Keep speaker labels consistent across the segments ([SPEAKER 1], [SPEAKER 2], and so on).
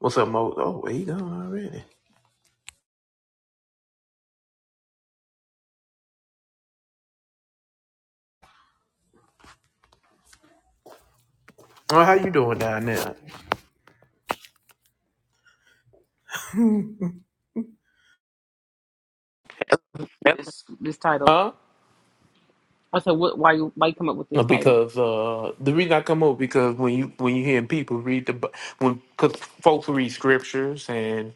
[SPEAKER 1] What's up, Mo? Oh, he gone already. Oh, how you doing down there?
[SPEAKER 2] this this title.
[SPEAKER 1] Huh?
[SPEAKER 2] I said, what, why you why you come up with
[SPEAKER 1] Uh,
[SPEAKER 2] this title?
[SPEAKER 1] Because uh, the reason I come up because when you when you hearing people read the Bi- when because folks read scriptures and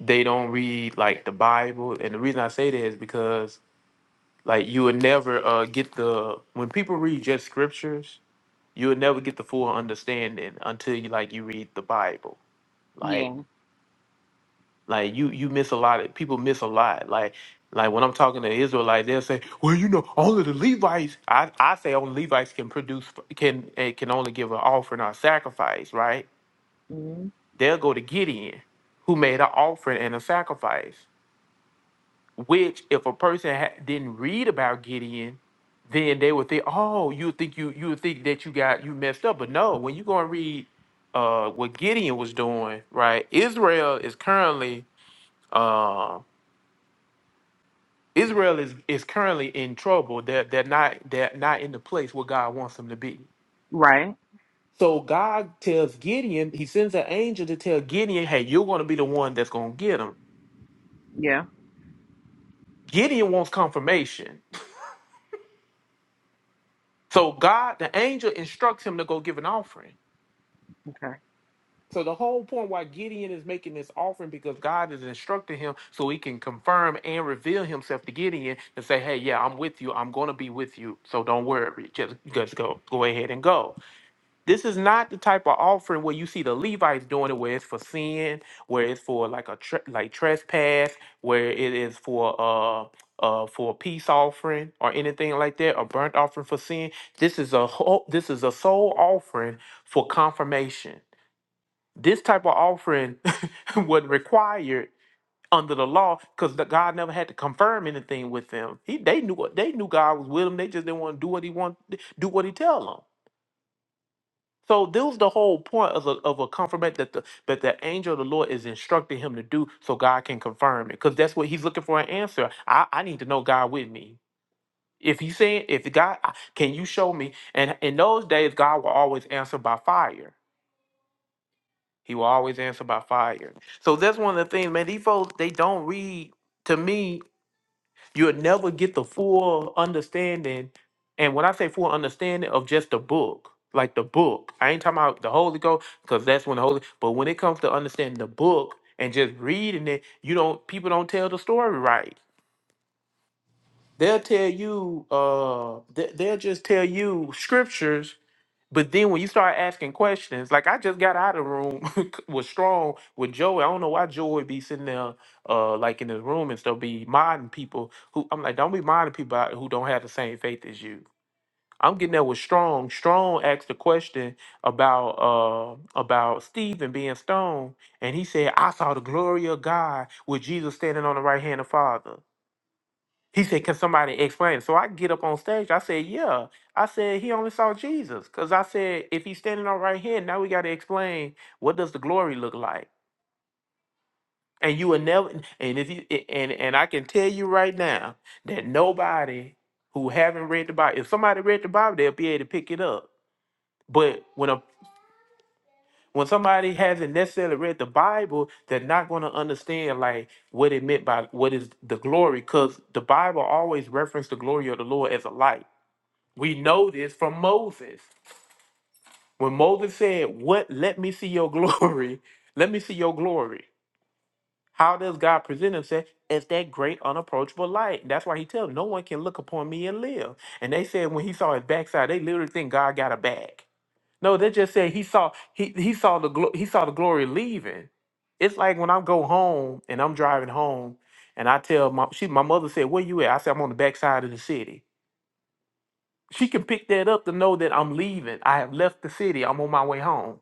[SPEAKER 1] they don't read like the Bible and the reason I say that is because like you would never uh, get the when people read just scriptures you would never get the full understanding until you like you read the Bible. like.
[SPEAKER 2] Yeah.
[SPEAKER 1] Like you you miss a lot of people miss a lot. Like like when I'm talking to Israelites, they'll say, "Well, you know, only the Levites." I, I say only Levites can produce can eh, can only give an offering or a sacrifice, right?
[SPEAKER 2] hmm
[SPEAKER 1] They'll go to Gideon, who made an offering and a sacrifice. Which, if a person ha- didn't read about Gideon, then they would think, "Oh, you would think you you would think that you got you messed up." But no, when you go and read uh, what Gideon was doing, right? Israel is currently Um, Israel is, is currently in trouble. They're, they're not they're not in the place where God wants them to be.
[SPEAKER 2] Right.
[SPEAKER 1] So God tells Gideon, he sends an angel to tell Gideon, hey, you're going to be the one that's going to get them.
[SPEAKER 2] Yeah.
[SPEAKER 1] Gideon wants confirmation. So God, the angel instructs him to go give an offering.
[SPEAKER 2] Okay.
[SPEAKER 1] So the whole point why Gideon is making this offering because God is instructing him so he can confirm and reveal himself to Gideon and say, hey, yeah, I'm with you. I'm going to be with you. So don't worry. Just, just go, go ahead and go. This is not the type of offering where you see the Levites doing it, where it's for sin, where it's for like a tre- like trespass, where it is for uh uh for a peace offering or anything like that, a burnt offering for sin. This is a whole, this is a sole offering for confirmation. This type of offering wasn't required under the law because God never had to confirm anything with them. He they knew what they knew God was with them. They just didn't want to do what he want do what he tell them. So this was the whole point of a, of a confirmation that the that the angel of the Lord is instructing him to do so God can confirm it. Because that's what he's looking for an answer. I, I need to know God with me. If he's saying, if God, I- can you show me? And in those days, God will always answer by fire. He will always answer by fire. So that's one of the things, man, these folks, they don't read to me You'll never get the full understanding. And when I say full understanding of just the book, like the book, I ain't talking about the Holy Ghost, because that's when the Holy. But when it comes to understanding the book and just reading it, you don't. People don't tell the story right. They'll tell you. Uh, they- they'll just tell you scriptures but then when you start asking questions, like I just got out of the room with Strong with Joey. I don't know why Joey be sitting there, uh, like in his room and stuff, be minding people who I'm like, don't be minding people out who don't have the same faith as you. I'm getting there with Strong. Strong asked a question about uh about Stephen being stoned, and he said, "I saw the glory of God with Jesus standing on the right hand of Father." He said, Can somebody explain? So I get up on stage. I said, Yeah. I said, He only saw Jesus. Because I said, If he's standing on right here, now we got to explain what does the glory look like? And you will never, and if you, a- and, and I can tell you right now that nobody who haven't read the Bible, if somebody read the Bible, they'll be able to pick it up. But when a when somebody hasn't necessarily read the Bible, they're not going to understand like what it meant by what is the glory, because the Bible always referenced the glory of the Lord as a light. We know this from Moses. When Moses said, What let me see your glory? Let me see your glory. How does God present himself? As that great unapproachable light. That's why he tells them, no one can look upon me and live. And they said when he saw his backside, they literally think God got a bag. No, they just said he saw he he saw the glo- he saw the glory leaving. It's like when I go home and I'm driving home and I tell my she my mother said, Where you at? I said, I'm on the backside of the city. she can pick that up to know that I'm leaving. I have left the city. I'm on my way home.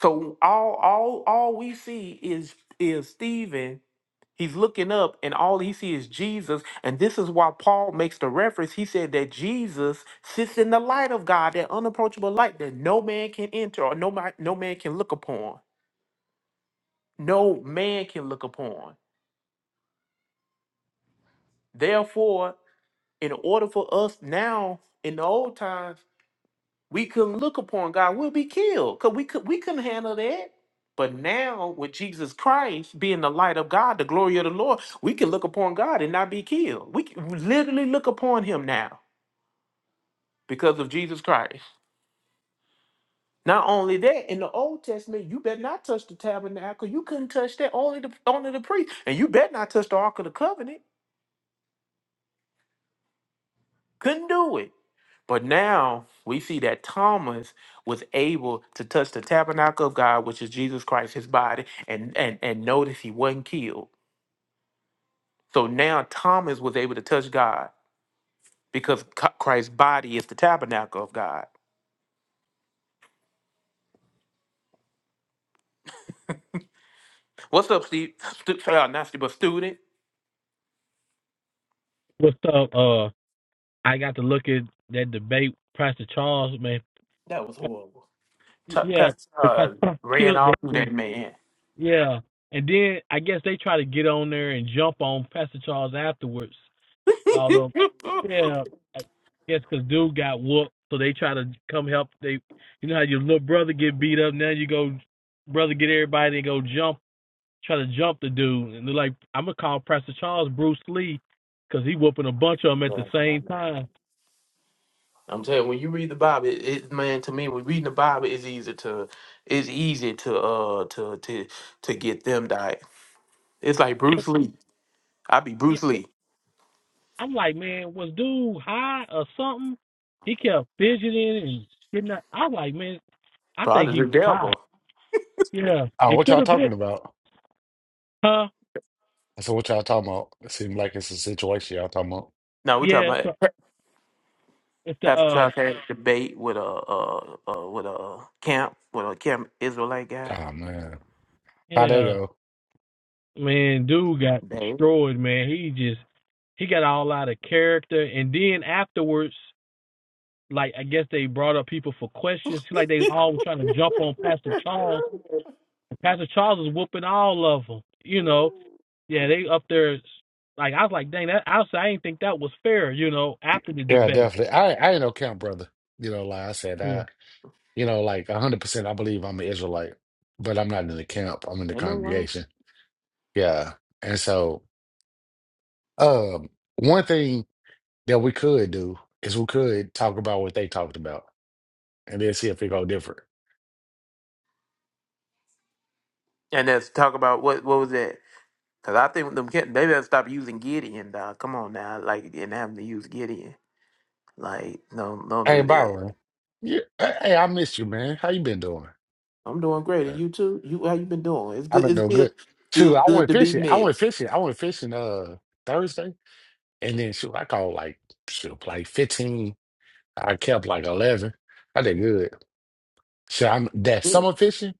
[SPEAKER 1] So all all all we see is is Stephen. He's looking up and all he sees is Jesus. And this is why Paul makes the reference. He said that Jesus sits in the light of God, that unapproachable light that no man can enter or no man, no man can look upon. No man can look upon. Therefore, in order for us now in the old times we couldn't look upon God, we'll be killed. Cause we could we couldn't handle that. But now with Jesus Christ being the light of God, the glory of the Lord, we can look upon God and not be killed. We can literally look upon him now because of Jesus Christ. Not only that, in the Old Testament, you better not touch the tabernacle. You couldn't touch that. Only the only the priest. And you better not touch the Ark of the Covenant. Couldn't do it. But now we see that Thomas was able to touch the tabernacle of God, which is Jesus Christ, his body, and and and notice he wasn't killed. So now Thomas was able to touch God because Co- Christ's body is the tabernacle of God. What's up, Steve? Stu- uh, not Steve, but student.
[SPEAKER 3] What's up? Uh, I got to look at that debate. Pastor Charles, man,
[SPEAKER 1] That was horrible. T-
[SPEAKER 3] yeah,
[SPEAKER 1] Pastor
[SPEAKER 3] Pastor
[SPEAKER 1] uh,
[SPEAKER 3] Charles
[SPEAKER 1] ran
[SPEAKER 3] killed
[SPEAKER 1] all through
[SPEAKER 3] that.
[SPEAKER 1] that man.
[SPEAKER 3] Yeah, and then I guess they try to get on there and jump on Pastor Charles afterwards. Although, yeah, I guess cause dude got whooped, so they try to come help. They, you know how your little brother get beat up. Now you go, brother, get everybody and go jump, try to jump the dude, and they're like, I'm gonna call Pastor Charles Bruce Lee, cause he whooping a bunch of them at the
[SPEAKER 1] Yeah,
[SPEAKER 3] same time.
[SPEAKER 1] I'm telling you, when you read the Bible, it, it man to me, when reading the Bible, it's easy to it's easy to uh to to to get them diet. It's like Bruce Lee. I be
[SPEAKER 3] Yeah.
[SPEAKER 1] Bruce Lee,
[SPEAKER 3] I'm like, man, was dude high or something? He kept fidgeting and getting up. I was like, man, I
[SPEAKER 1] but
[SPEAKER 3] think
[SPEAKER 1] I
[SPEAKER 3] he was
[SPEAKER 1] just
[SPEAKER 3] high.
[SPEAKER 1] devil.
[SPEAKER 3] Yeah,
[SPEAKER 4] Oh,
[SPEAKER 3] it
[SPEAKER 4] what
[SPEAKER 3] could
[SPEAKER 4] y'all
[SPEAKER 3] have been.
[SPEAKER 4] talking about?
[SPEAKER 3] Huh?
[SPEAKER 4] I said, what y'all talking about? It seemed like it's a situation y'all talking about.
[SPEAKER 1] Now we talking
[SPEAKER 3] Yeah, it's the,
[SPEAKER 1] about
[SPEAKER 3] it's the
[SPEAKER 1] Pastor
[SPEAKER 3] uh,
[SPEAKER 1] Charles had a debate with a uh, uh with a camp with a camp Israelite guy.
[SPEAKER 4] Oh man. How they
[SPEAKER 3] yeah,
[SPEAKER 4] go?
[SPEAKER 3] man, dude got
[SPEAKER 1] Dang.
[SPEAKER 3] destroyed, man. He just, he got all out of character. And then afterwards, like, I guess they brought up people for questions. See, Like, they all were trying to jump on Pastor Charles. Pastor Charles is whooping all of them, you know. Yeah, they up there. Like I was like, dang, that honestly, I didn't think that was fair. You know, after the
[SPEAKER 4] Yeah,
[SPEAKER 3] debate.
[SPEAKER 4] definitely. I I ain't no camp brother. You know, like I said,
[SPEAKER 3] Yeah.
[SPEAKER 4] I you know, like hundred percent I believe I'm an Israelite, but I'm not in the camp. I'm in the
[SPEAKER 1] Ain't no wrong.
[SPEAKER 4] congregation. Yeah. And so um one thing that we could do is we could talk about what they talked about and then see if it go different.
[SPEAKER 1] And that's talk about what what was that? Cause I think them kid- they better stop using Gideon. Dog, come on now, like and having to use Gideon. Like, no, don't
[SPEAKER 4] Hey
[SPEAKER 1] do that.
[SPEAKER 4] Byron. Yeah, hey, I missed you, man. How you been doing?
[SPEAKER 1] I'm doing great,
[SPEAKER 4] Uh,
[SPEAKER 1] and you too. You how you been doing? It's
[SPEAKER 4] I've
[SPEAKER 1] good.
[SPEAKER 4] been
[SPEAKER 1] It's
[SPEAKER 4] no
[SPEAKER 1] good.
[SPEAKER 4] good.
[SPEAKER 1] Feels
[SPEAKER 4] Shoot, I
[SPEAKER 1] good
[SPEAKER 4] went
[SPEAKER 1] to be
[SPEAKER 4] fishing. I went
[SPEAKER 1] missed.
[SPEAKER 4] fishing. I went fishing uh Thursday. And then shoot, I caught like shoot, like 15. I kept like 11. I did good. So I'm that
[SPEAKER 1] Yeah.
[SPEAKER 4] summer fishing.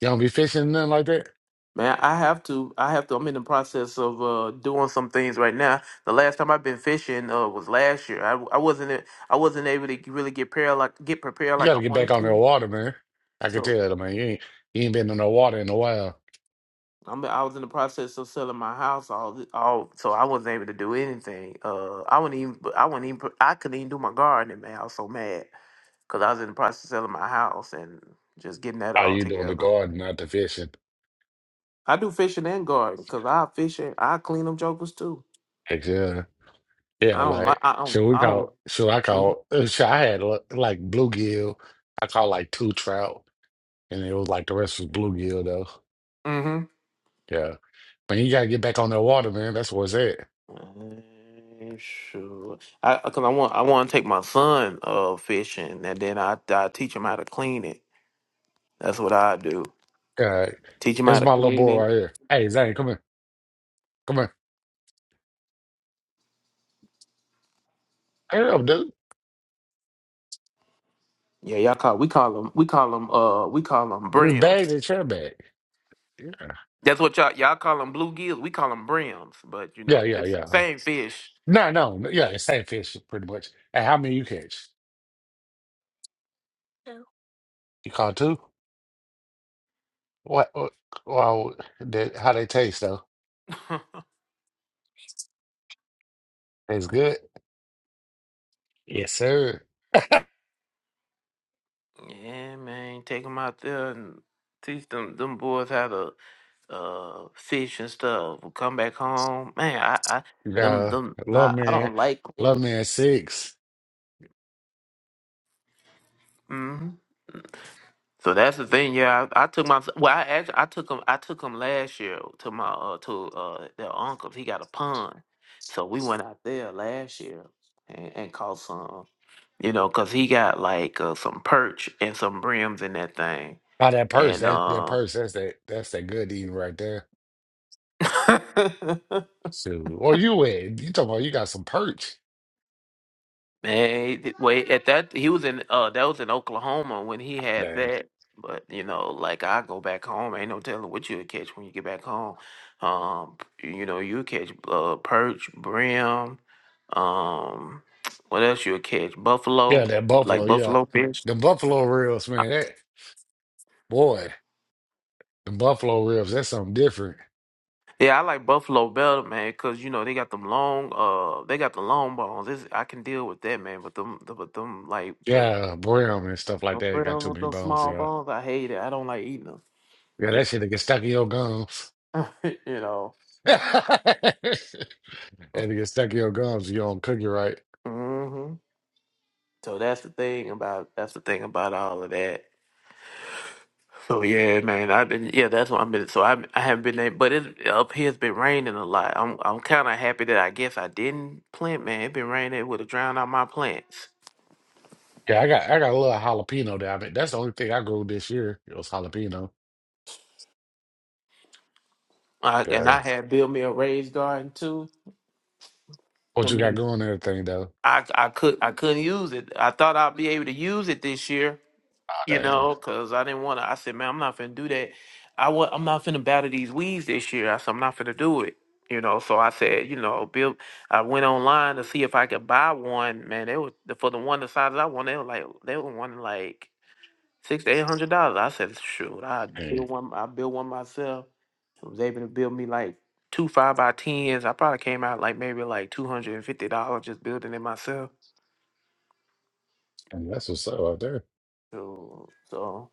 [SPEAKER 4] You don't be fishing nothing like that.
[SPEAKER 1] Man, I have to. I have to. I'm in the process of uh doing some things right now. The last time I've been fishing uh was last year. I I wasn't I wasn't able to really get prepared like get prepared
[SPEAKER 4] You
[SPEAKER 1] like I
[SPEAKER 4] gotta get back
[SPEAKER 1] wanted
[SPEAKER 4] on the
[SPEAKER 1] to.
[SPEAKER 4] water, man. I can
[SPEAKER 1] so
[SPEAKER 4] tell, man. You ain't you ain't been in the water in a while.
[SPEAKER 1] I'm I was in the process of selling my house all th- all so I wasn't able to do anything. Uh I wouldn't even I wouldn't even I couldn't even do my gardening, man. I was so mad cuz I was in the process of selling my house and just getting that
[SPEAKER 4] Are
[SPEAKER 1] all
[SPEAKER 4] you doing the
[SPEAKER 1] together.
[SPEAKER 4] garden, not the fishing?
[SPEAKER 1] I do fishing and gardening cuz I fish and I clean them jokers too.
[SPEAKER 4] Like, yeah, yeah.
[SPEAKER 1] I don't like
[SPEAKER 4] Like,
[SPEAKER 1] I don't
[SPEAKER 4] so we
[SPEAKER 1] I don't
[SPEAKER 4] caught. So I
[SPEAKER 1] Mhm.
[SPEAKER 4] caught. uh, So I had uh, like bluegill. I caught like two trout, and it was like the rest was bluegill though.
[SPEAKER 1] Mm-hmm.
[SPEAKER 4] Yeah. But you gotta get back on that water, man. That's where it's at.
[SPEAKER 1] Mm, Sure. I cuz I want I want to take my son uh fishing and then I I teach him how to clean it. That's what I do.
[SPEAKER 4] God.
[SPEAKER 1] Teach him how
[SPEAKER 4] That's
[SPEAKER 1] to
[SPEAKER 4] my little
[SPEAKER 1] clean
[SPEAKER 4] boy
[SPEAKER 1] it.
[SPEAKER 4] right here. Hey, Zane, come here. Come here. Hey, up, dude.
[SPEAKER 1] Yeah, y'all call we call them we call them uh we call them
[SPEAKER 4] This bag,
[SPEAKER 1] brims.
[SPEAKER 4] this trail bag. Yeah.
[SPEAKER 1] That's what y'all y'all call them bluegills. We call them brims, but you know
[SPEAKER 4] Yeah, yeah,
[SPEAKER 1] it's the
[SPEAKER 4] yeah.
[SPEAKER 1] same fish.
[SPEAKER 4] No, no. Yeah, it's same fish, pretty much. And how many you catch? Two. You caught two? What, what, wow, that, how they taste, though? It's good? Yes, sir.
[SPEAKER 1] yeah, man, take them out there and teach them them boys how to uh fish and stuff. Come back home, man. I, I them
[SPEAKER 4] Yeah.
[SPEAKER 1] them
[SPEAKER 4] Love
[SPEAKER 1] I, I
[SPEAKER 4] man.
[SPEAKER 1] don't like cleaning.
[SPEAKER 4] Love man six.
[SPEAKER 1] So that's the thing. Yeah, I, I took my well. I actually I took him. I took him last year to my uh, to uh, their uncle's. He got a pond, so we went out there last year and, and caught some. You know, cause he got like uh, some perch and some brims in that thing,
[SPEAKER 4] Now that purse,
[SPEAKER 1] and
[SPEAKER 4] that, that
[SPEAKER 1] uh,
[SPEAKER 4] purse, that's that, that's that good eating right there. So, or you went, you talking about you got some perch.
[SPEAKER 1] Man, he wait at that he was in uh that was in Oklahoma when he had
[SPEAKER 4] Dang.
[SPEAKER 1] that. But you know, like I go back home, ain't no telling what you'll catch when you get back home. Um, you know, you'll catch uh perch, brim, um what else you'll catch? Buffalo,
[SPEAKER 4] Yeah, that buffalo,
[SPEAKER 1] like
[SPEAKER 4] yeah.
[SPEAKER 1] buffalo fish.
[SPEAKER 4] The buffalo ribs, man, that boy, the buffalo ribs, that's something different.
[SPEAKER 1] Yeah, I like buffalo better, man, cause you know they got them long uh they got the long bones. This I can deal with that, man, but them the, but them like the
[SPEAKER 4] Yeah, brown and stuff like that. It got
[SPEAKER 1] brim
[SPEAKER 4] too
[SPEAKER 1] with
[SPEAKER 4] many
[SPEAKER 1] them
[SPEAKER 4] bones,
[SPEAKER 1] small
[SPEAKER 4] yeah.
[SPEAKER 1] bones, I hate it. I don't like eating them.
[SPEAKER 4] Yeah, that shit that get stuck in your gums.
[SPEAKER 1] you know.
[SPEAKER 4] And it get stuck in your gums you don't cook it right.
[SPEAKER 1] hmm So that's the thing about that's the thing about all of that. So yeah, man, I've been yeah, that's what I've been. So I I haven't been able, but it up here it's been raining a lot. I'm I'm kind of happy that I guess I didn't plant. Man, it been raining, it would have drowned out my plants.
[SPEAKER 4] Yeah, I got I got a little jalapeno there. I mean, that's the only thing I grew this year. It was jalapeno.
[SPEAKER 1] I, and
[SPEAKER 4] Yeah.
[SPEAKER 1] I had built me a raised garden too. I
[SPEAKER 4] What you got
[SPEAKER 1] mean,
[SPEAKER 4] going and everything though?
[SPEAKER 1] I I could I couldn't use it. I thought I'd be able to use it this year,
[SPEAKER 4] Oh,
[SPEAKER 1] you
[SPEAKER 4] dang.
[SPEAKER 1] know, because I didn't want to. I said, man, I'm not finna do that. I wa- I'm not finna battle these weeds this year. I said, I'm not finna do it. You know, so I said, you know, Bill, I went online to see if I could buy one. Man, they were for the one the size I wanted. They were like, they were wanting like six to eight hundred dollars. I said, shoot, I
[SPEAKER 4] Dang.
[SPEAKER 1] build one. I build one myself. I was able to build me like two five by tens. I probably came out like maybe like two hundred and fifty dollars just building it myself.
[SPEAKER 4] Dang, That's what's up out there.
[SPEAKER 1] So, so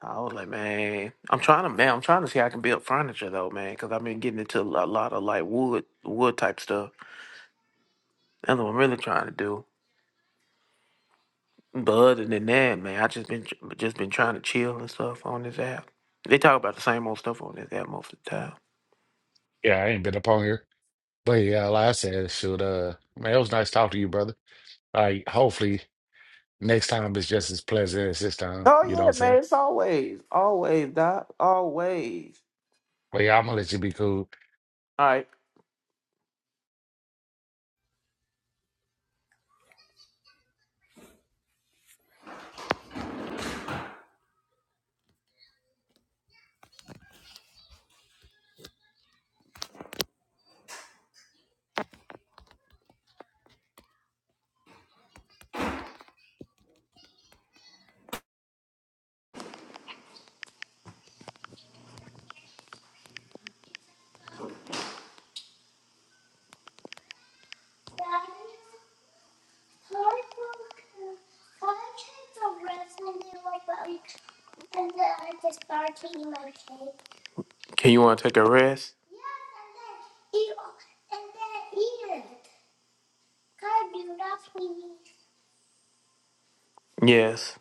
[SPEAKER 1] I was like, man, I'm trying to, man, I'm trying to see how I can build furniture though, man, because I've been getting into a lot of like wood, wood type stuff. That's what I'm really trying to do. But other than that, man, I just been just been trying to chill and stuff on this app. They talk about the same old stuff on this app most of the time.
[SPEAKER 4] Yeah, I ain't been up on here. But yeah, like I said, shoot, uh, man, it was nice talking to you, brother. Like, hopefully next time it's just as pleasant as this time. You know
[SPEAKER 1] Oh
[SPEAKER 4] what
[SPEAKER 1] yeah,
[SPEAKER 4] I'm
[SPEAKER 1] man,
[SPEAKER 4] saying?
[SPEAKER 1] it's always, always, doc, always.
[SPEAKER 4] But yeah, I'm gonna let you be cool.
[SPEAKER 1] All right, can you want to take a rest? Yes.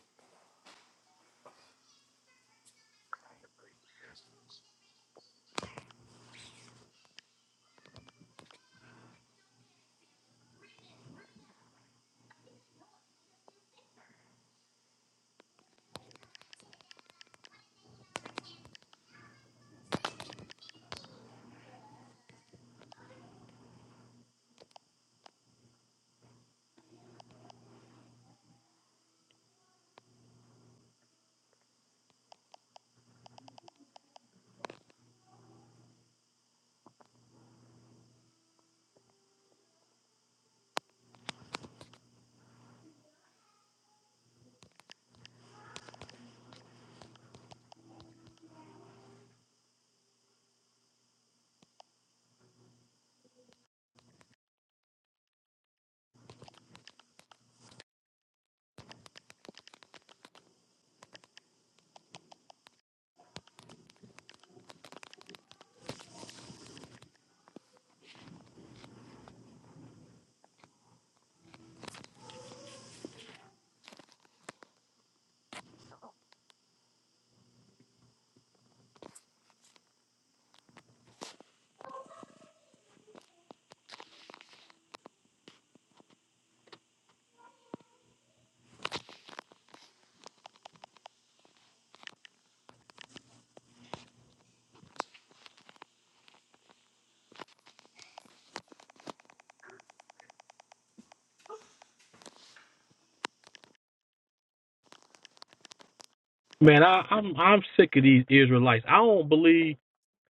[SPEAKER 3] Man, I, I'm I'm sick of these Israelites. I don't believe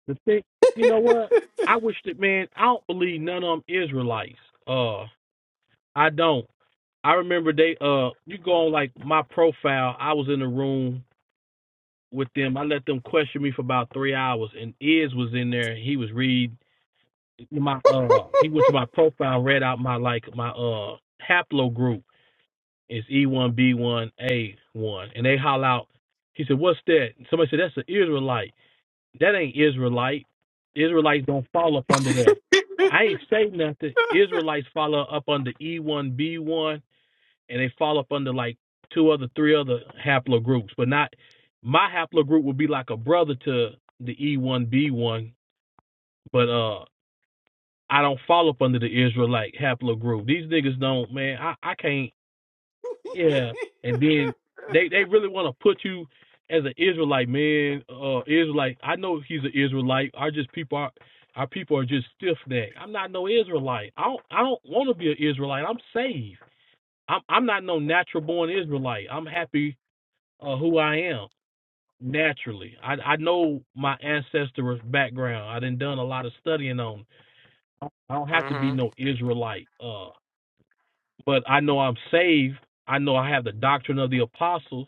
[SPEAKER 3] the thing. You know what? I wish that man. I don't believe none of them Israelites. Uh, I don't. I remember they uh, you go on like my profile. I was in the room with them. I let them question me for about three hours, and Iz was in there. and He was read my uh, he went to my profile, read out my like my uh haplogroup It's E1B1A1. And they holler out, he said, What's that? And Somebody said, That's an Israelite. That ain't Israelite. Israelites don't fall up under that. I ain't say nothing. Israelites follow up under E1B1 and they fall up under like two other, three other haplogroups, but not my haplogroup would be like a brother to the E1B1, but uh I don't fall up under the Israelite haplogroup. These niggas don't, man. I, I can't. Yeah, and then they they really want to put you as an Israelite man. Uh, Israelite. I know he's an Israelite. Our just people are our people are just stiff necked. I'm not no Israelite. I don't I don't want to be an Israelite. I'm saved. I'm I'm not no natural born Israelite. I'm happy uh, who I am naturally. I I know my ancestors' background. I done done a lot of studying on. I don't have to be
[SPEAKER 1] Mm-hmm.
[SPEAKER 3] no Israelite. Uh, but I know I'm saved. I know I have the doctrine of the apostles.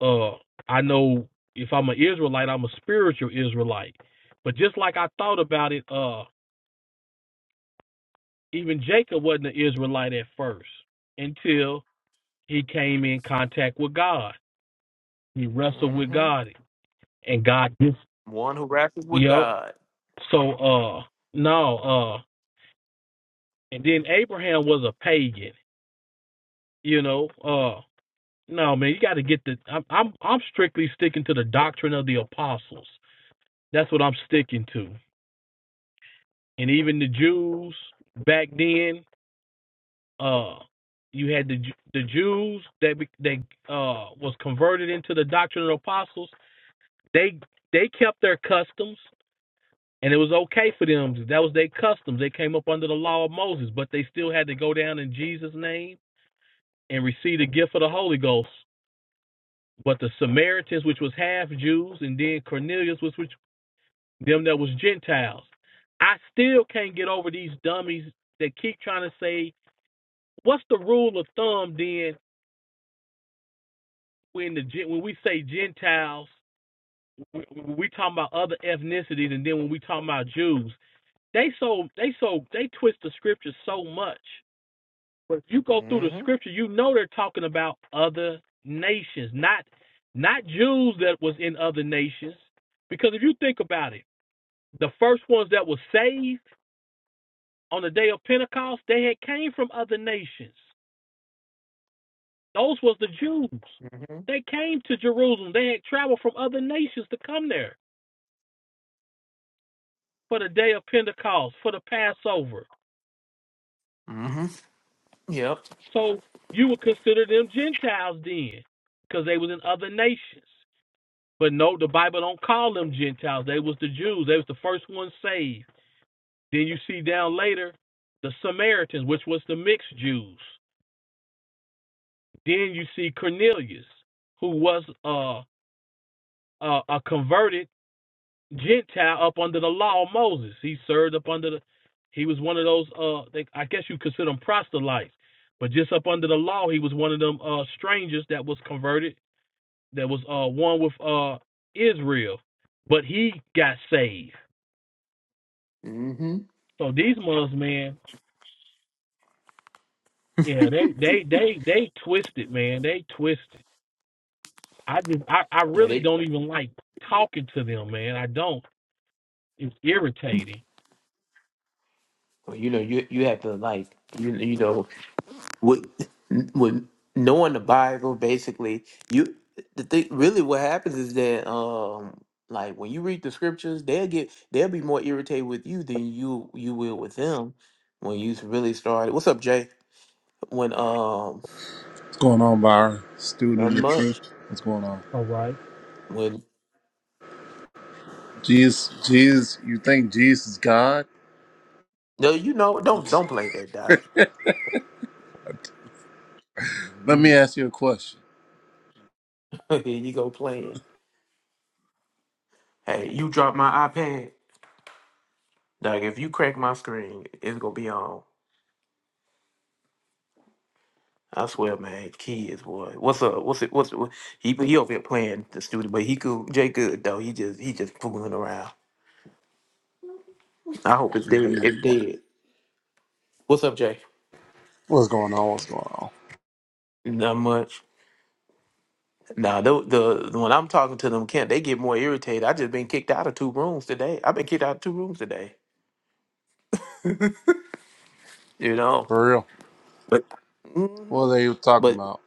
[SPEAKER 3] Uh, I know if I'm an Israelite, I'm a spiritual Israelite. But just like I thought about it, uh, even Jacob wasn't an Israelite at first until he came in contact with God. He wrestled with
[SPEAKER 1] Mm-hmm.
[SPEAKER 3] God, and God, yes.
[SPEAKER 1] One who wrestles with
[SPEAKER 3] yep.
[SPEAKER 1] God.
[SPEAKER 3] So, uh, no, uh, and then Abraham was a pagan, you know. Uh, no, man, you got to get the. I'm, I'm, I'm strictly sticking to the doctrine of the apostles. That's what I'm sticking to. and even the Jews back then. Uh, you had the the Jews that that uh was converted into the doctrine of the apostles. They they kept their customs, and it was okay for them. That was their customs. They came up under the law of Moses, but they still had to go down in Jesus' name and receive the gift of the Holy Ghost. But the Samaritans, which was half Jews, and then Cornelius, which which them that was Gentiles. I still can't get over these dummies that keep trying to say what's the rule of thumb then when the Gen- when we say Gentiles, when we talking about other ethnicities, and then when we talking about Jews, they so they so they twist the scripture so much. But if you go through the
[SPEAKER 1] Mm-hmm.
[SPEAKER 3] scripture, you know they're talking about other nations, not not Jews that was in other nations. Because if you think about it, the first ones that were saved on the day of Pentecost, they had came from other nations. Those was the Jews.
[SPEAKER 1] Mm-hmm.
[SPEAKER 3] They came to Jerusalem. They had traveled from other nations to come there for the day of Pentecost, for the Passover.
[SPEAKER 1] Mm-hmm. Yep.
[SPEAKER 3] So you would consider them Gentiles then, because they was in other nations. But no, the Bible don't call them Gentiles. They was the Jews. They was the first ones saved. Then you see down later the Samaritans, which was the mixed Jews. Then you see Cornelius, who was uh, uh, a converted Gentile up under the law of Moses. He served up under the. He was one of those. Uh, they, I guess you consider them proselytes, but just up under the law, he was one of them uh strangers that was converted, that was uh one with uh Israel, but he got saved. So these Muslims, man, yeah, they they they they twisted, man. They twisted. I just I, I
[SPEAKER 1] Yeah,
[SPEAKER 3] really
[SPEAKER 1] they.
[SPEAKER 3] don't even like talking to them, man. I don't. It's irritating.
[SPEAKER 1] well, You know, you you have to like you you know with with knowing the Bible basically. You the thing really what happens is that um like when you read the scriptures, they'll get they'll be more irritated with you than you you will with them when you really start. What's up, Jay? When um
[SPEAKER 5] What's going on, Byron? Student
[SPEAKER 1] nothing
[SPEAKER 5] of truth.
[SPEAKER 1] much.
[SPEAKER 5] What's going on?
[SPEAKER 3] All right.
[SPEAKER 1] When
[SPEAKER 5] Jesus, Jesus, you think Jesus is God?
[SPEAKER 1] no, you know, don't don't play that, Doc.
[SPEAKER 5] Let me
[SPEAKER 1] You
[SPEAKER 5] ask you a question.
[SPEAKER 1] here you go playing. Hey, you drop my iPad, Doc. If you crack my screen, it's gonna be on. I swear, man, kids, boy. What's up? What's it? What's it? What, he he over here playing the studio, but he cool. Jay good though. He just he just fooling around. I hope it's
[SPEAKER 5] Yeah,
[SPEAKER 1] dead.
[SPEAKER 5] I'm just
[SPEAKER 1] It's
[SPEAKER 5] playing.
[SPEAKER 1] dead. What's up, Jay?
[SPEAKER 5] What's going on? What's going on?
[SPEAKER 1] Not much. Nah, the, the the- when I'm talking to them, Kent, they get more irritated. I just been kicked out of two rooms today. I've been kicked out of two rooms today. You know,
[SPEAKER 5] For real?
[SPEAKER 1] but mhm.
[SPEAKER 5] What are they even talking
[SPEAKER 1] but
[SPEAKER 5] about?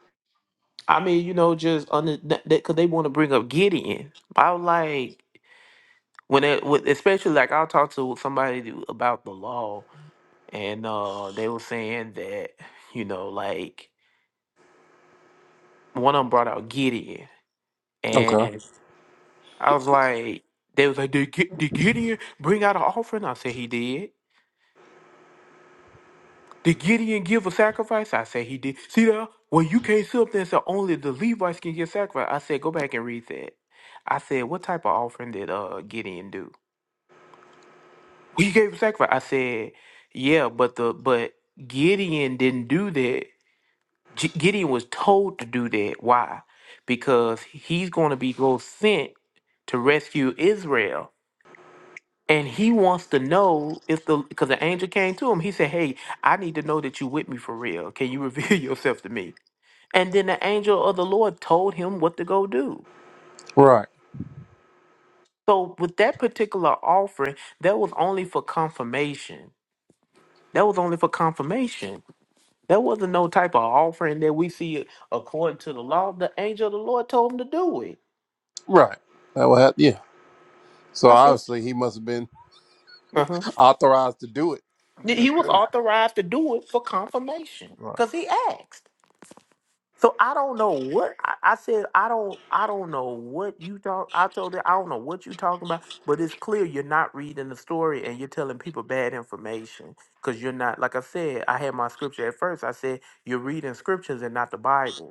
[SPEAKER 1] I mean, you know, just under that because they want to bring up Gideon. I was like when it, with, especially like I'll talk to somebody about the law and uh they were saying that you know like one of them brought out gideon
[SPEAKER 5] Okay.
[SPEAKER 1] and i was like they was like did, Gi- did gideon bring out an offering i said he did did gideon give a sacrifice i said he did see that well you can't sit up there and say only the levites can give sacrifice i said go back and read that i said what type of offering did uh gideon do well, he gave a sacrifice i said yeah but the but gideon didn't do that G- Gideon was told to do that. Why? Because he's going to be go sent to rescue Israel. And he wants to know if the because the angel came to him. He said, "Hey, I need to know that you with me for real. Can you reveal yourself to me?" And then the angel of the Lord told him what to go do.
[SPEAKER 5] Right.
[SPEAKER 1] So with that particular offering, that was only for confirmation. That was only for confirmation. That wasn't no type of offering that we see according to the law. The angel of the Lord told him to do it.
[SPEAKER 5] Right. That would happen. Yeah. So
[SPEAKER 1] I said
[SPEAKER 5] obviously he must have been
[SPEAKER 1] Uh-huh.
[SPEAKER 5] authorized to do it. I
[SPEAKER 1] that
[SPEAKER 5] mean,
[SPEAKER 1] he
[SPEAKER 5] that's
[SPEAKER 1] was
[SPEAKER 5] crazy.
[SPEAKER 1] authorized to do it for confirmation
[SPEAKER 5] Right.
[SPEAKER 1] because he asked. So I don't know what I, I said. I don't. I don't know what you talk. I told her I don't know what you talking about. But it's clear you're not reading the story and you're telling people bad information because you're not. Like I said, I had my scripture at first. I said you're reading scriptures and not the Bible.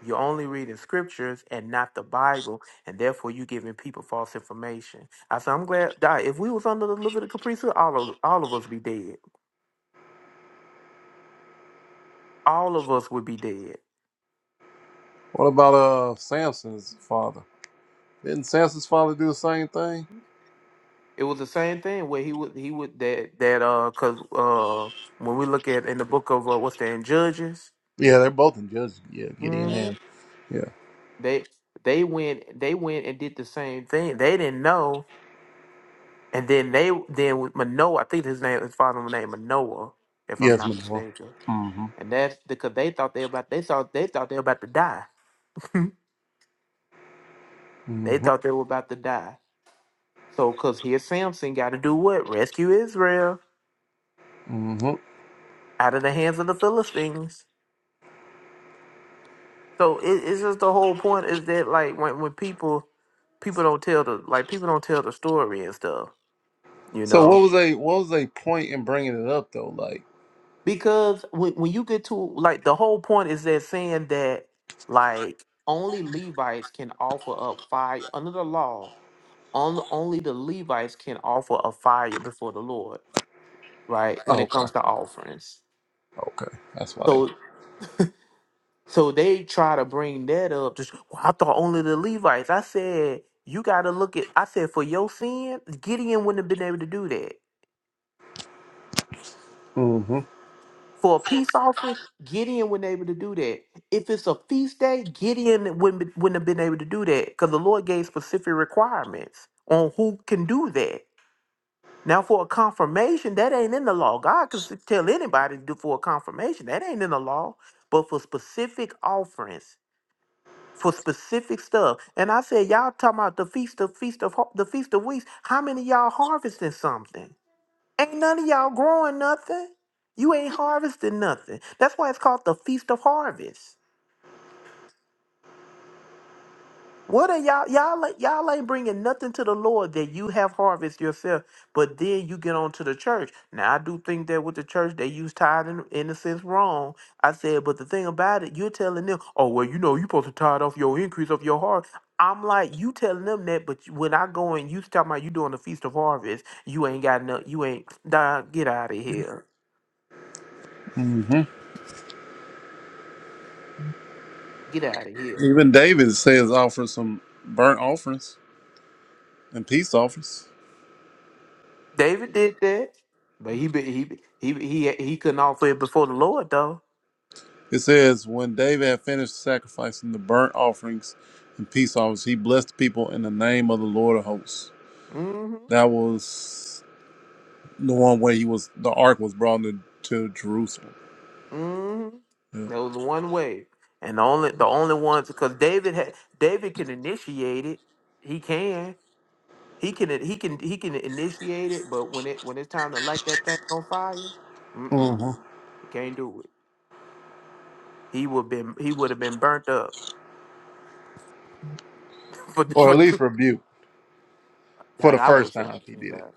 [SPEAKER 1] You're only reading scriptures and not the Bible, and therefore you're giving people false information. I said, I'm glad, die. If we was under the Levitical priesthood, all of all of us be dead. All of us would be dead.
[SPEAKER 5] What about uh Samson's father? Didn't Samson's father do the same thing?
[SPEAKER 1] It was the same thing where he would he would that that uh because uh when we look at in the book of uh, what's that in Judges,
[SPEAKER 5] Yeah, they're both in Judges. Yeah, Gideon
[SPEAKER 1] hmm
[SPEAKER 5] and yeah,
[SPEAKER 1] they they went they went and did the same thing. They didn't know, and then they then with Manoah, I think his name his father's name Manoah, if I'm
[SPEAKER 5] yes, my
[SPEAKER 1] not
[SPEAKER 5] boy.
[SPEAKER 1] mistaken
[SPEAKER 5] Mm-hmm.
[SPEAKER 1] And that's because they thought they were about they thought they thought they were about to die. they
[SPEAKER 5] Mm-hmm.
[SPEAKER 1] thought they were about to die. So cause here Samson gotta do what? Rescue Israel
[SPEAKER 5] Mm-hmm.
[SPEAKER 1] out of the hands of the Philistines. So it, it's just the whole point is that like when when people people don't tell the like people don't tell the story and stuff, you
[SPEAKER 5] So
[SPEAKER 1] know?
[SPEAKER 5] what was a what was a point in bringing it up though? Like,
[SPEAKER 1] Because when when you get to like the whole point is that saying that like only Levites can offer up fire under the law on, only the Levites can offer a fire before the Lord, right? When
[SPEAKER 5] oh,
[SPEAKER 1] it
[SPEAKER 5] okay,
[SPEAKER 1] comes to offerings.
[SPEAKER 5] okay, that's why they.
[SPEAKER 1] So so they try to bring that up. Just well, I thought only the Levites. I said, you gotta look at I said for your sin, Gideon wouldn't have been able to do that.
[SPEAKER 5] hmm
[SPEAKER 1] For a peace offering, Gideon wasn't able to do that. If it's a feast day, Gideon wouldn't, be- wouldn't have been able to do that because the Lord gave specific requirements on who can do that. Now, for a confirmation, that ain't in the law. God could s- tell anybody to do for a confirmation. That ain't in the law. But for specific offerings, for specific stuff, and I said, y'all talking about the feast of feast of Har- the feast of weeks. How many of y'all harvesting something? Ain't none of y'all growing nothing. You ain't harvesting nothing. That's why it's called the feast of harvest. What are y'all y'all ain't- y'all ain't bringing nothing to the Lord that you have harvest yourself, but then you get on to the church. Now I do think that with the church they use tithe in, in a sense wrong. I said, but the thing about it, you're telling them, oh well, you know you supposed to tithe off your increase of your heart. I'm like you telling them that, but you- when I go and you talking about you doing the feast of harvest, you ain't got no, you ain't. Nah, get out of here,
[SPEAKER 5] hmm
[SPEAKER 1] get out of here.
[SPEAKER 5] Even David says offer some burnt offerings and peace offerings.
[SPEAKER 1] David did that, but he be- he be- he be- he he couldn't offer it before the Lord though.
[SPEAKER 5] It says when David had finished sacrificing the burnt offerings and peace offerings, he blessed the people in the name of the Lord of hosts.
[SPEAKER 1] hmm
[SPEAKER 5] That was the one where he was the ark was brought into to Jerusalem,
[SPEAKER 1] Mm-hmm.
[SPEAKER 5] yeah.
[SPEAKER 1] That was the one way, and the only the only ones because David had David can initiate it. He can. He can. He can. He can initiate it. But when it when it's time to light that thing on fire, mm-mm,
[SPEAKER 5] hmm
[SPEAKER 1] he can't do it. He would been. He would have been burnt up for
[SPEAKER 5] or
[SPEAKER 1] for.
[SPEAKER 5] at least rebuked for
[SPEAKER 1] Dog,
[SPEAKER 5] the
[SPEAKER 1] I
[SPEAKER 5] first
[SPEAKER 1] would have
[SPEAKER 5] time he did
[SPEAKER 1] that.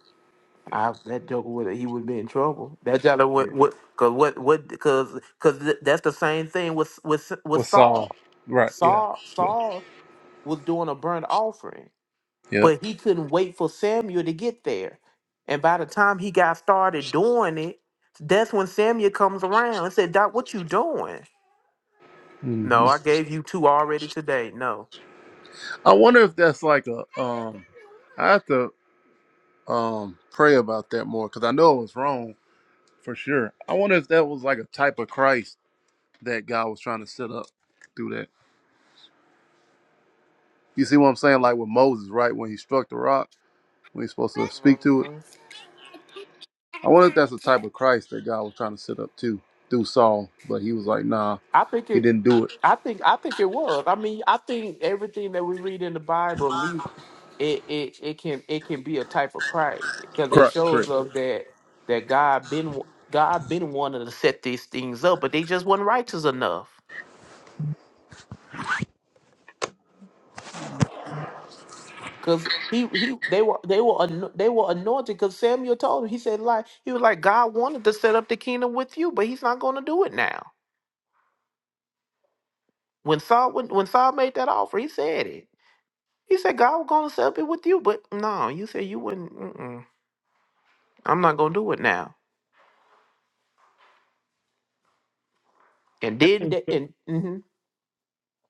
[SPEAKER 5] it.
[SPEAKER 1] I, that joker would he would be in trouble. That joker
[SPEAKER 5] Yeah.
[SPEAKER 1] would what cause what what cause cause that's the same thing with with with
[SPEAKER 5] With Saul.
[SPEAKER 1] Saul.
[SPEAKER 5] Right. Yeah.
[SPEAKER 1] Saul,
[SPEAKER 5] Yeah.
[SPEAKER 1] Saul. was doing a burnt offering,
[SPEAKER 5] Yeah.
[SPEAKER 1] but he couldn't wait for Samuel to get there. And by the time he got started doing it, that's when Samuel comes around and said, "Doc, what you doing?"
[SPEAKER 5] hmm
[SPEAKER 1] No, I gave you two already today. No.
[SPEAKER 5] I wonder if that's like a um. I have to um pray about that more because I know it was wrong for sure. I wonder if that was like a type of Christ that God was trying to set up through that. You see what I'm saying? Like with Moses, right? When he struck the rock, when he's supposed to speak to it.
[SPEAKER 1] Mhm.
[SPEAKER 5] I wonder if that's the type of Christ that God was trying to set up too through Saul, but he was like, nah,
[SPEAKER 1] I think
[SPEAKER 5] he
[SPEAKER 1] it.
[SPEAKER 5] didn't do it.
[SPEAKER 1] I think. I think it was. I mean, I think everything that we read in the Bible it it it can it can be a type of Christ because it
[SPEAKER 5] Correct.
[SPEAKER 1] shows
[SPEAKER 5] Correct.
[SPEAKER 1] up that that God been God been wanting to set these things up, but they just weren't righteous enough. Cause he he they were they were ano- they were anointed. Cause Samuel told him he said like he was like God wanted to set up the kingdom with you, but he's not going to do it now. When Saul when, when Saul made that offer, he said it. He said God was going to set up it with you, but no, you said you wouldn't. Mm-mm, I'm not going to do it now. And
[SPEAKER 3] I
[SPEAKER 1] then
[SPEAKER 3] think.
[SPEAKER 1] that
[SPEAKER 3] that.
[SPEAKER 1] and mhm.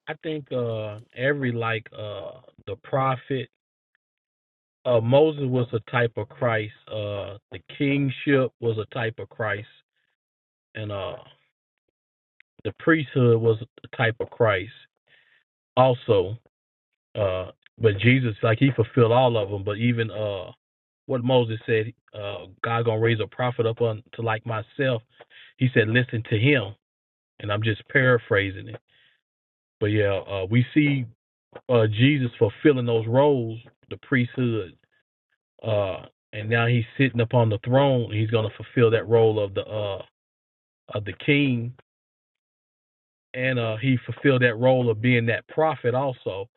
[SPEAKER 3] I think uh every like uh the prophet uh Moses was a type of Christ, uh the kingship was a type of Christ, and uh the priesthood was a type of Christ also. Uh but Jesus like he fulfilled all of them, but even uh what Moses said, uh God gonna raise a prophet up unto like myself, he said, Listen to him and I'm just paraphrasing it. But yeah, uh we see uh Jesus fulfilling those roles, the priesthood uh, and now he's sitting upon the throne. He's going to fulfill that role of the uh, of the king, and uh, he fulfilled that role of being that prophet also,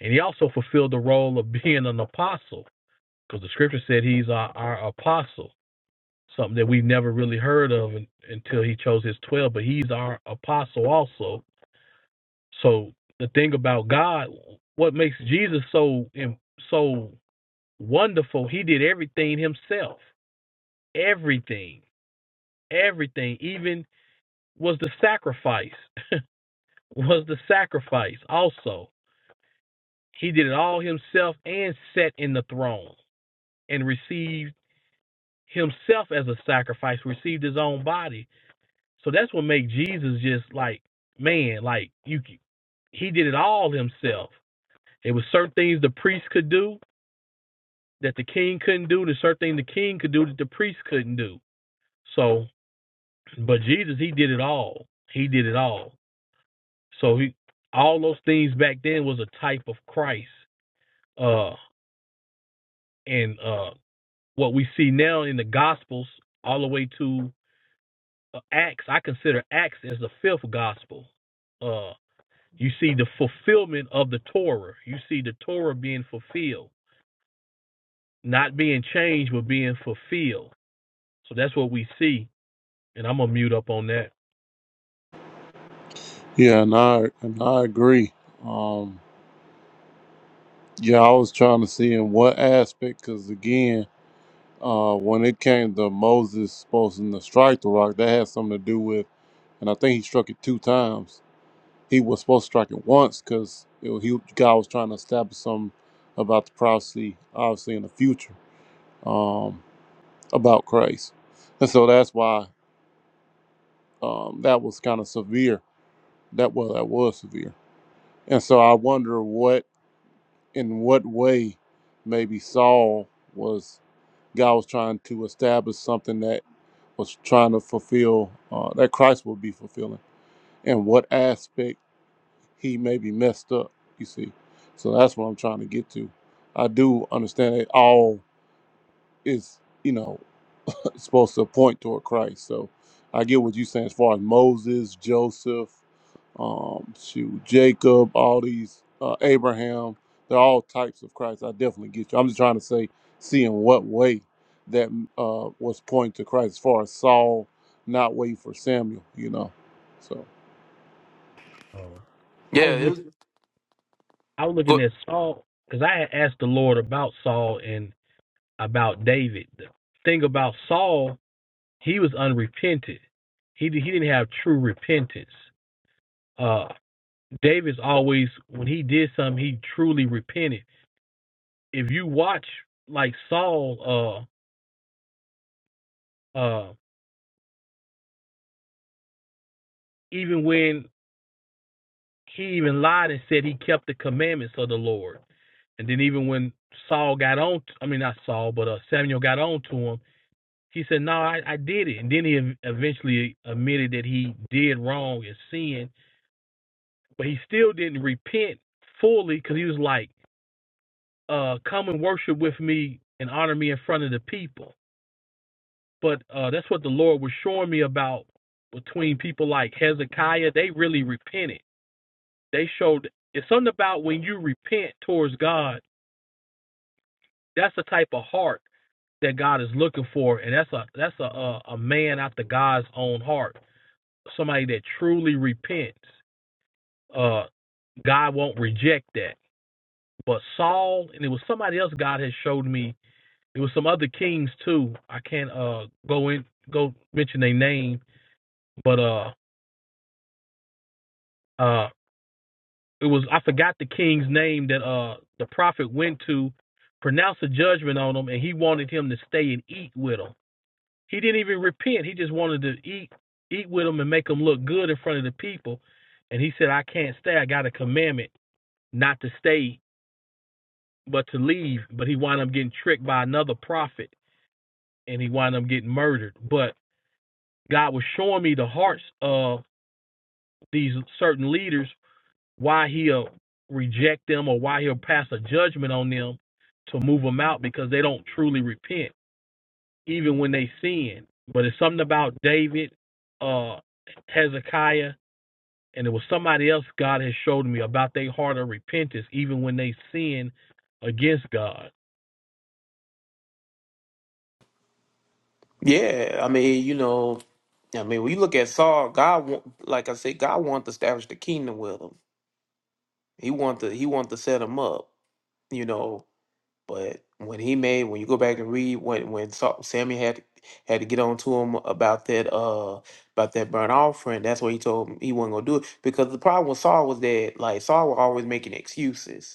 [SPEAKER 3] and he also fulfilled the role of being an apostle, because the scripture said he's our, our apostle, something that we've never really heard of un until he chose his twelve. But he's our apostle also. So the thing about God, what makes Jesus so so wonderful, he did everything himself, everything Everything, even was the sacrifice, was the sacrifice also. He did it all himself and sat in the throne and received himself as a sacrifice, received his own body. So that's what makes Jesus just like, man, like you he did it all himself. There was certain things the priest could do that the king couldn't do, there's certain things the king could do that the priest couldn't do. So but Jesus, he did it all. He did it all. So he, all those things back then was a type of Christ. Uh, and uh, what we see now in the Gospels, all the way to uh, Acts, I consider Acts as the fifth gospel. Uh, you see the fulfillment of the Torah. You see the Torah being fulfilled, not being changed, but being fulfilled. So that's what we see. And I'm gonna mute up on that.
[SPEAKER 5] Yeah, and I and I agree. Um. Yeah, I was trying to see in what aspect, because again, uh, when it came to Moses supposed to strike the rock, that had something to do with, and I think he struck it two times. He was supposed to strike it once because he God was trying to establish something about the prophecy, obviously in the future, um, about Christ, and so that's why um, that was kind of severe. That well, that was severe, and so I wonder what in what way maybe Saul was. God was trying to establish something that was trying to fulfill, uh, that Christ would be fulfilling, and what aspect he may be messed up, you see. So that's what I'm trying to get to. I do understand that all is, you know, supposed to point toward Christ. So I get what you're saying as far as Moses, Joseph, um, shoot, Jacob, all these, uh, Abraham, they're all types of Christ. I definitely get you. I'm just trying to say, see in what way that uh, was pointing to Christ as far as Saul not waiting for Samuel, you know. So,
[SPEAKER 3] Uh, I
[SPEAKER 1] yeah,
[SPEAKER 3] was
[SPEAKER 1] it
[SPEAKER 3] look,
[SPEAKER 1] was.
[SPEAKER 3] I was looking at Saul because I had asked the Lord about Saul, and about David. The thing about Saul, he was unrepentant. He he didn't have true repentance. Uh, David's always when he did something, he truly repented. If you watch like Saul, uh, uh, even when he even lied and said he kept the commandments of the Lord, and then even when Saul got on, I mean not Saul, but uh, Samuel got on to him. He said, "No, I, I did it," and then he eventually admitted that he did wrong and sinned but he still didn't repent fully because he was like, uh, "Come and worship with me and honor me in front of the people." But uh, that's what the Lord was showing me about between people like Hezekiah. They really repented. They showed it's something about when you repent towards God. That's the type of heart that God is looking for, and that's a that's a a, a man after God's own heart. Somebody that truly repents. Uh, God won't reject that but Saul and it was somebody else God had showed me. It was some other kings too. I can't uh go in go mention their name, but uh uh it was I forgot the king's name that uh the prophet went to pronounce a judgment on him and he wanted him to stay and eat with him. He didn't even repent. He just wanted to eat eat with him and make him look good in front of the people. And he said, I can't stay. I got a commandment not to stay but to leave. But he wound up getting tricked by another prophet and he wound up getting murdered. But God was showing me the hearts of these certain leaders, why he'll reject them or why he'll pass a judgment on them to move them out because they don't truly repent, even when they sin. But it's something about David, uh, Hezekiah, and it was somebody else God has showed me about their heart of repentance, even when they sin against God.
[SPEAKER 1] Yeah, I mean, you know, I mean, when you look at Saul, God, wa- like I said, God wanted to establish the kingdom with him. He wanted to, he wanted to set him up, you know. But when he made, when you go back and read when when Saul, Samuel had had to get on to him about that uh about that burnt offering, that's what he told him he wasn't gonna do it because the problem with Saul was that like Saul was always making excuses.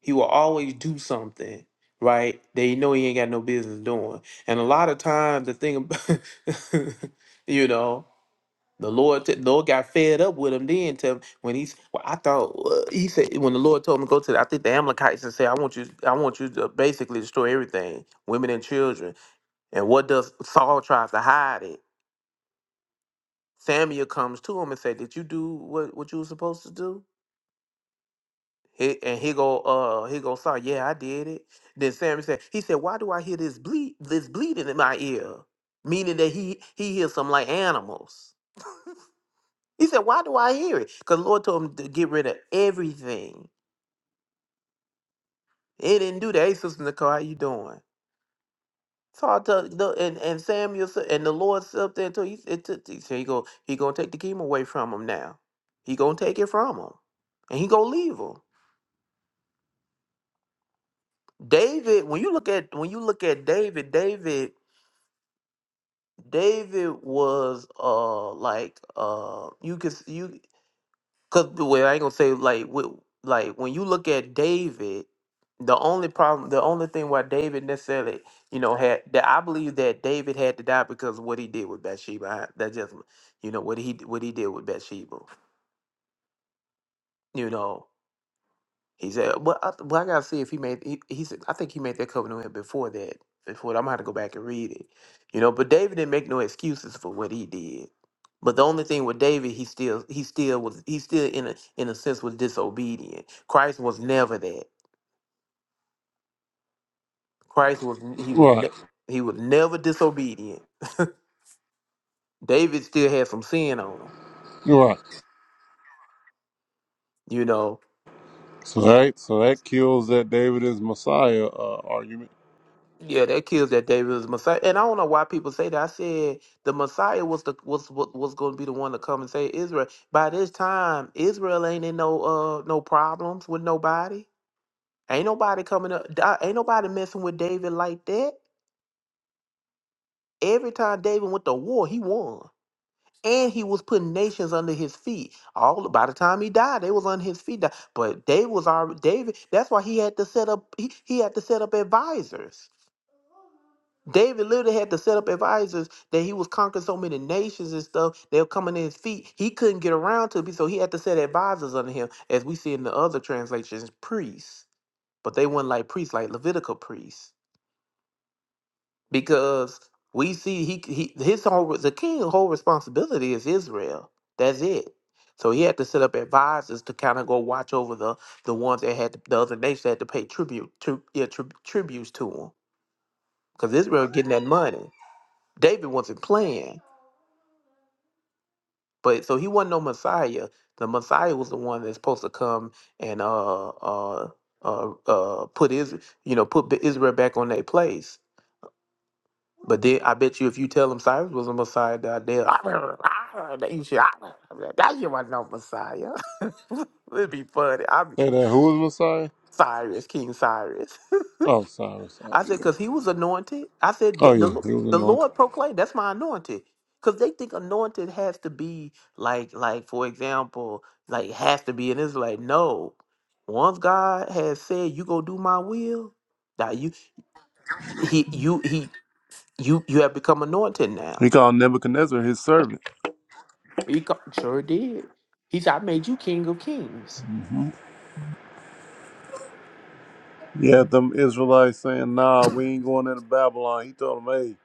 [SPEAKER 1] He will always do something, right? That he know he ain't got no business doing. And a lot of times the thing about you know, the Lord t- Lord got fed up with him then to when he's well, I thought uh, he said when the Lord told him to go to the, I think the Amalekites and say, I want you I want you to basically destroy everything, women and children. And what does Saul tries to hide it? Samuel comes to him and said, Did you do what, what you were supposed to do? He, and he go, uh, he go, sorry, yeah, I did it. Then Samuel said, he said, why do I hear this bleed, this bleeding in my ear? Meaning that he he hears some like animals. He said, why do I hear it? Because Lord told him to get rid of everything. He didn't do that. Hey, Sister Nicole, how you doing? So I tell the and, and Samuel sa- and the Lord sit up there until he it took he said he go he gonna take the kingdom away from him now. He gonna take it from him. And he gonna leave him. David, when you look at when you look at David, David David was uh like uh you could s- you cause the way I ain't gonna say like with like when you look at David, the only problem the only thing why David necessarily you know had that I believe that David had to die because of what he did with Bathsheba. I, that just you know what he what he did with Bathsheba. You know. He said, "Well, I, well, I gotta see if he made." He, he said, "I think he made that covenant with him before that. Before that. I'm gonna have to go back and read it, you know." But David didn't make no excuses for what he did. But the only thing with David, he still, he still was, he still in a in a sense was disobedient. Christ was never that. Christ was n- he was
[SPEAKER 5] right,
[SPEAKER 1] ne- he was never disobedient. David still had some sin on him,
[SPEAKER 5] right.
[SPEAKER 1] you know
[SPEAKER 5] So that, so that kills that David is Messiah uh, argument.
[SPEAKER 1] Yeah, that kills that David was the Messiah, and I don't know why people say that. I said the Messiah was the was was, was going to be the one to come and save Israel. By this time, Israel ain't in no uh no problems with nobody. Ain't nobody coming up. da- Ain't nobody messing with David like that. Every time David went to war, he won, and he was putting nations under his feet. All by the time he died, they was under his feet. But David was already David. That's why he had to set up. He, he had to set up advisors David literally had to set up advisors that he was conquering so many nations and stuff. They were coming in his feet. He couldn't get around to it, so he had to set advisors under him, as we see in the other translations, priests. But they weren't like priests, like Levitical priests, because we see he, he his whole the king's whole responsibility is Israel. That's it. So he had to set up advisors to kind of go watch over the the ones that had the other nations that had to pay tribute to yeah, tri- tributes to him, because Israel getting that money. David wasn't playing. But so he wasn't no Messiah. The Messiah was the one that's supposed to come and uh uh uh uh put is you know put B- Israel back on their place. But then I bet you if you tell them Cyrus was a Messiah, that they that you should that you was no Messiah. It'd be funny. I'm
[SPEAKER 5] Say that who is Messiah?
[SPEAKER 1] Cyrus, King Cyrus.
[SPEAKER 5] Oh, Cyrus. Oh,
[SPEAKER 1] I said,
[SPEAKER 5] yeah.
[SPEAKER 1] because he was anointed. I said,
[SPEAKER 5] Oh,
[SPEAKER 1] the,
[SPEAKER 5] yeah.
[SPEAKER 1] the,
[SPEAKER 5] He was
[SPEAKER 1] the
[SPEAKER 5] anointed.
[SPEAKER 1] Lord proclaimed, that's my anointed. Because they think anointed has to be like, like for example, like has to be. And it's like, no. Once God has said, you go do my will, now you, he, you, he, you, you have become anointed
[SPEAKER 5] He
[SPEAKER 1] now.
[SPEAKER 5] called Nebuchadnezzar his servant.
[SPEAKER 1] He co- sure did. He said, I made you king of kings.
[SPEAKER 5] Yeah, them Israelites saying, nah, we ain't going into Babylon. He told them, hey,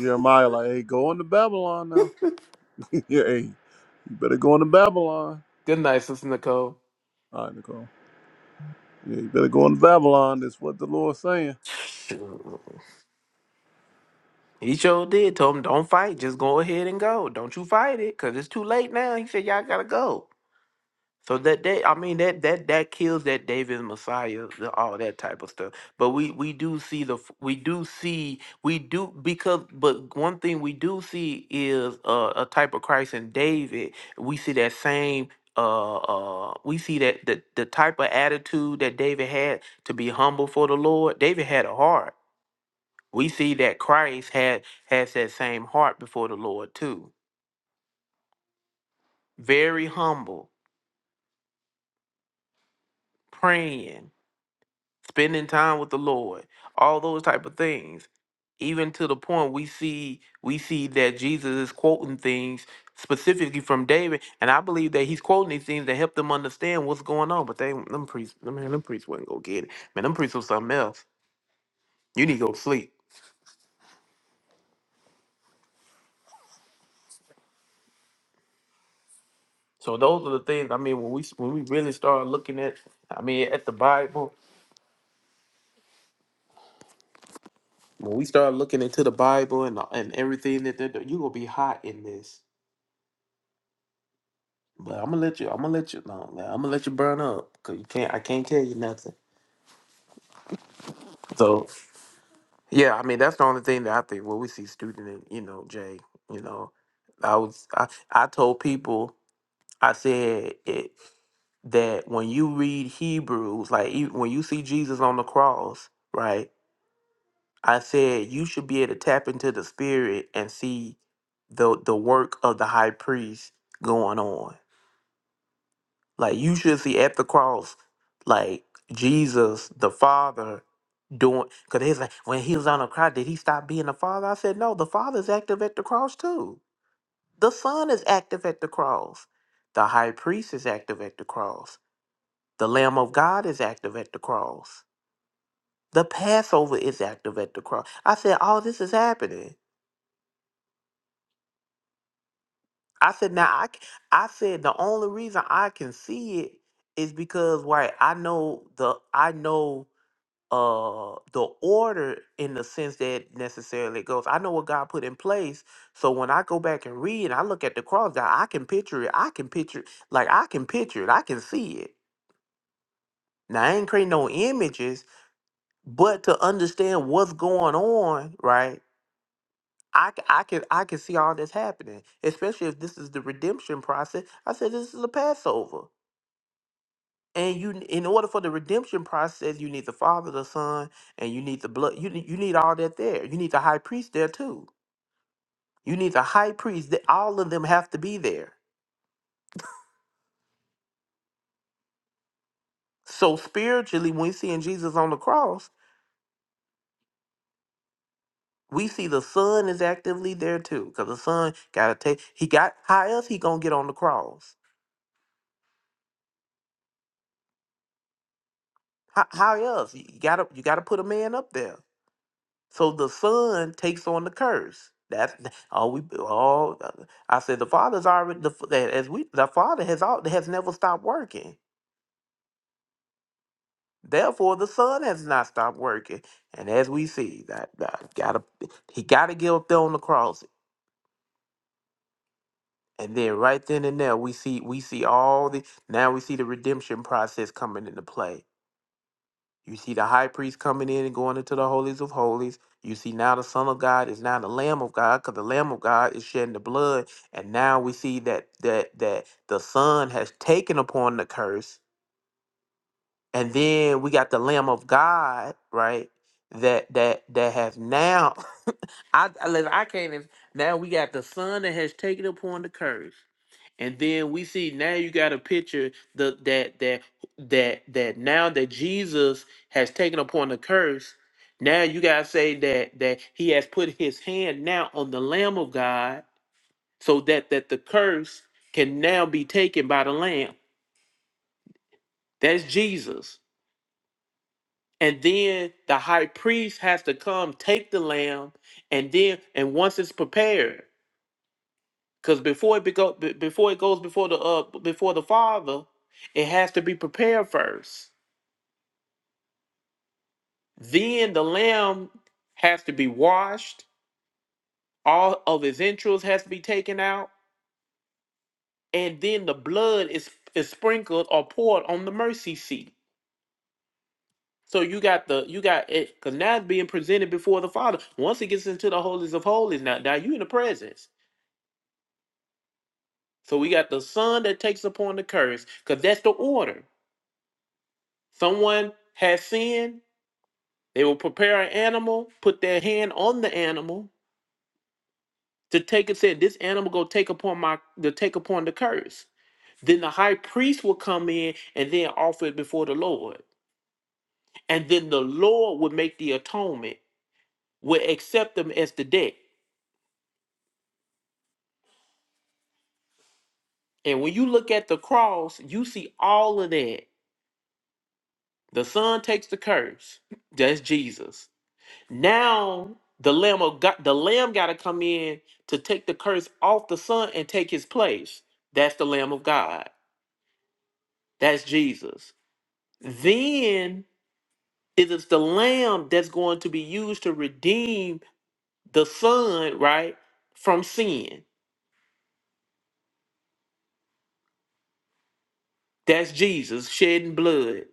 [SPEAKER 5] Jeremiah, like, hey, go into Babylon now. yeah, hey, you better go into Babylon.
[SPEAKER 1] Good night, Sister Nicole.
[SPEAKER 5] All right, Nicole. Yeah, you better go into Babylon. That's what the Lord's saying.
[SPEAKER 1] He sure did. Told him, don't fight. Just go ahead and go. Don't you fight it, cause it's too late now. He said, y'all gotta go. So that that I mean that that that kills that David Messiah, the, all that type of stuff. But we we do see the f- we do see we do because but one thing we do see is uh, a type of Christ in David. We see that same uh uh we see that the the type of attitude that David had to be humble for the Lord. David had a heart. We see that Christ had has that same heart before the Lord too. Very humble, praying, spending time with the Lord, all those type of things. Even to the point we see we see that Jesus is quoting things specifically from David, and I believe that he's quoting these things to help them understand what's going on. But they them priests, man, them priests wouldn't go get it. Man, them priests was something else. You need to go to sleep. So those are the things. I mean, when we when we really start looking at, I mean, at the Bible When we start looking into the Bible and and everything that they're doing, you gonna be hot in this. But I'm gonna let you. I'm gonna let you. No, I'm gonna let you burn up because you can't. I can't tell you nothing. So yeah, I mean that's the only thing that I think. Well, we see student and you know Jay. You know, I was I I told people I said it that when you read Hebrews, like e- when you see Jesus on the cross, right? I said you should be able to tap into the spirit and see the the work of the high priest going on. Like you should see at the cross, like Jesus the Father doing because he's like when he was on the cross, did he stop being the Father? I said no, the Father's active at the cross too. The Son is active at the cross. The high priest is active at the cross. The Lamb of God is active at the cross. The Passover is active at the cross. I said, all this is happening. I said, now I, c- I said the only reason I can see it is because right, I know the I know uh the order in the sense that necessarily it goes. I know what God put in place. So when I go back and read and I look at the cross, now I can picture it. I can picture like I can picture it. I can see it. Now I ain't creating no images, but to understand what's going on, right? I, c- I can I can see all this happening, especially if this is the redemption process. I said this is a Passover, and you n- in order for the redemption process, you need the Father, the Son, and you need the blood. You need, you need all that there. You need the high priest there too. You need the high priest. That all of them have to be there. So spiritually, when we seeing Jesus on the cross, we see the Son is actively there too, because the Son got to take. He got how else he gonna get on the cross? How, how else you gotta you gotta put a man up there? So the son takes on the curse. That's all we all. uh, I said the father's already the f- as we the father has all has never stopped working. Therefore, the son has not stopped working, and as we see that, that gotta he gotta get up there on the cross, and then right then and there we see we see all the now we see the redemption process coming into play You see the high priest coming in and going into the holies of holies. You see now the Son of God is now the Lamb of God, because the Lamb of God is shedding the blood, and now we see that that that the Son has taken upon the curse, and then we got the Lamb of God, right? That that that has now. I I listen, I can't. even- Now we got the Son that has taken upon the curse. And then we see now you got a picture the, that that that that now that Jesus has taken upon the curse, now you gotta say that that he has put his hand now on the Lamb of God, so that that the curse can now be taken by the Lamb. That's Jesus. And then the high priest has to come take the lamb, and then and once it's prepared. Because before it go, before it goes before the uh before the Father, it has to be prepared first. Then the lamb has to be washed. All of his entrails has to be taken out, and then the blood is is sprinkled or poured on the mercy seat. So you got the you got it because now it's being presented before the Father. Once it gets into the holies of holies, now now you in the presence. So we got the Son that takes upon the curse because that's the order. Someone has sinned, They will prepare an animal, put their hand on the animal to take it. Said this animal go take upon my to take upon the curse. Then the high priest will come in and then offer it before the Lord, and then the Lord would make the atonement, would accept them as the debt. And when you look at the cross, you see all of that. The Son takes the curse. That's Jesus. Now the lamb of God, the lamb got to come in to take the curse off the son and take his place. That's the lamb of God. That's Jesus. Then it is the lamb that's going to be used to redeem the son, right, from sin. That's Jesus shedding blood.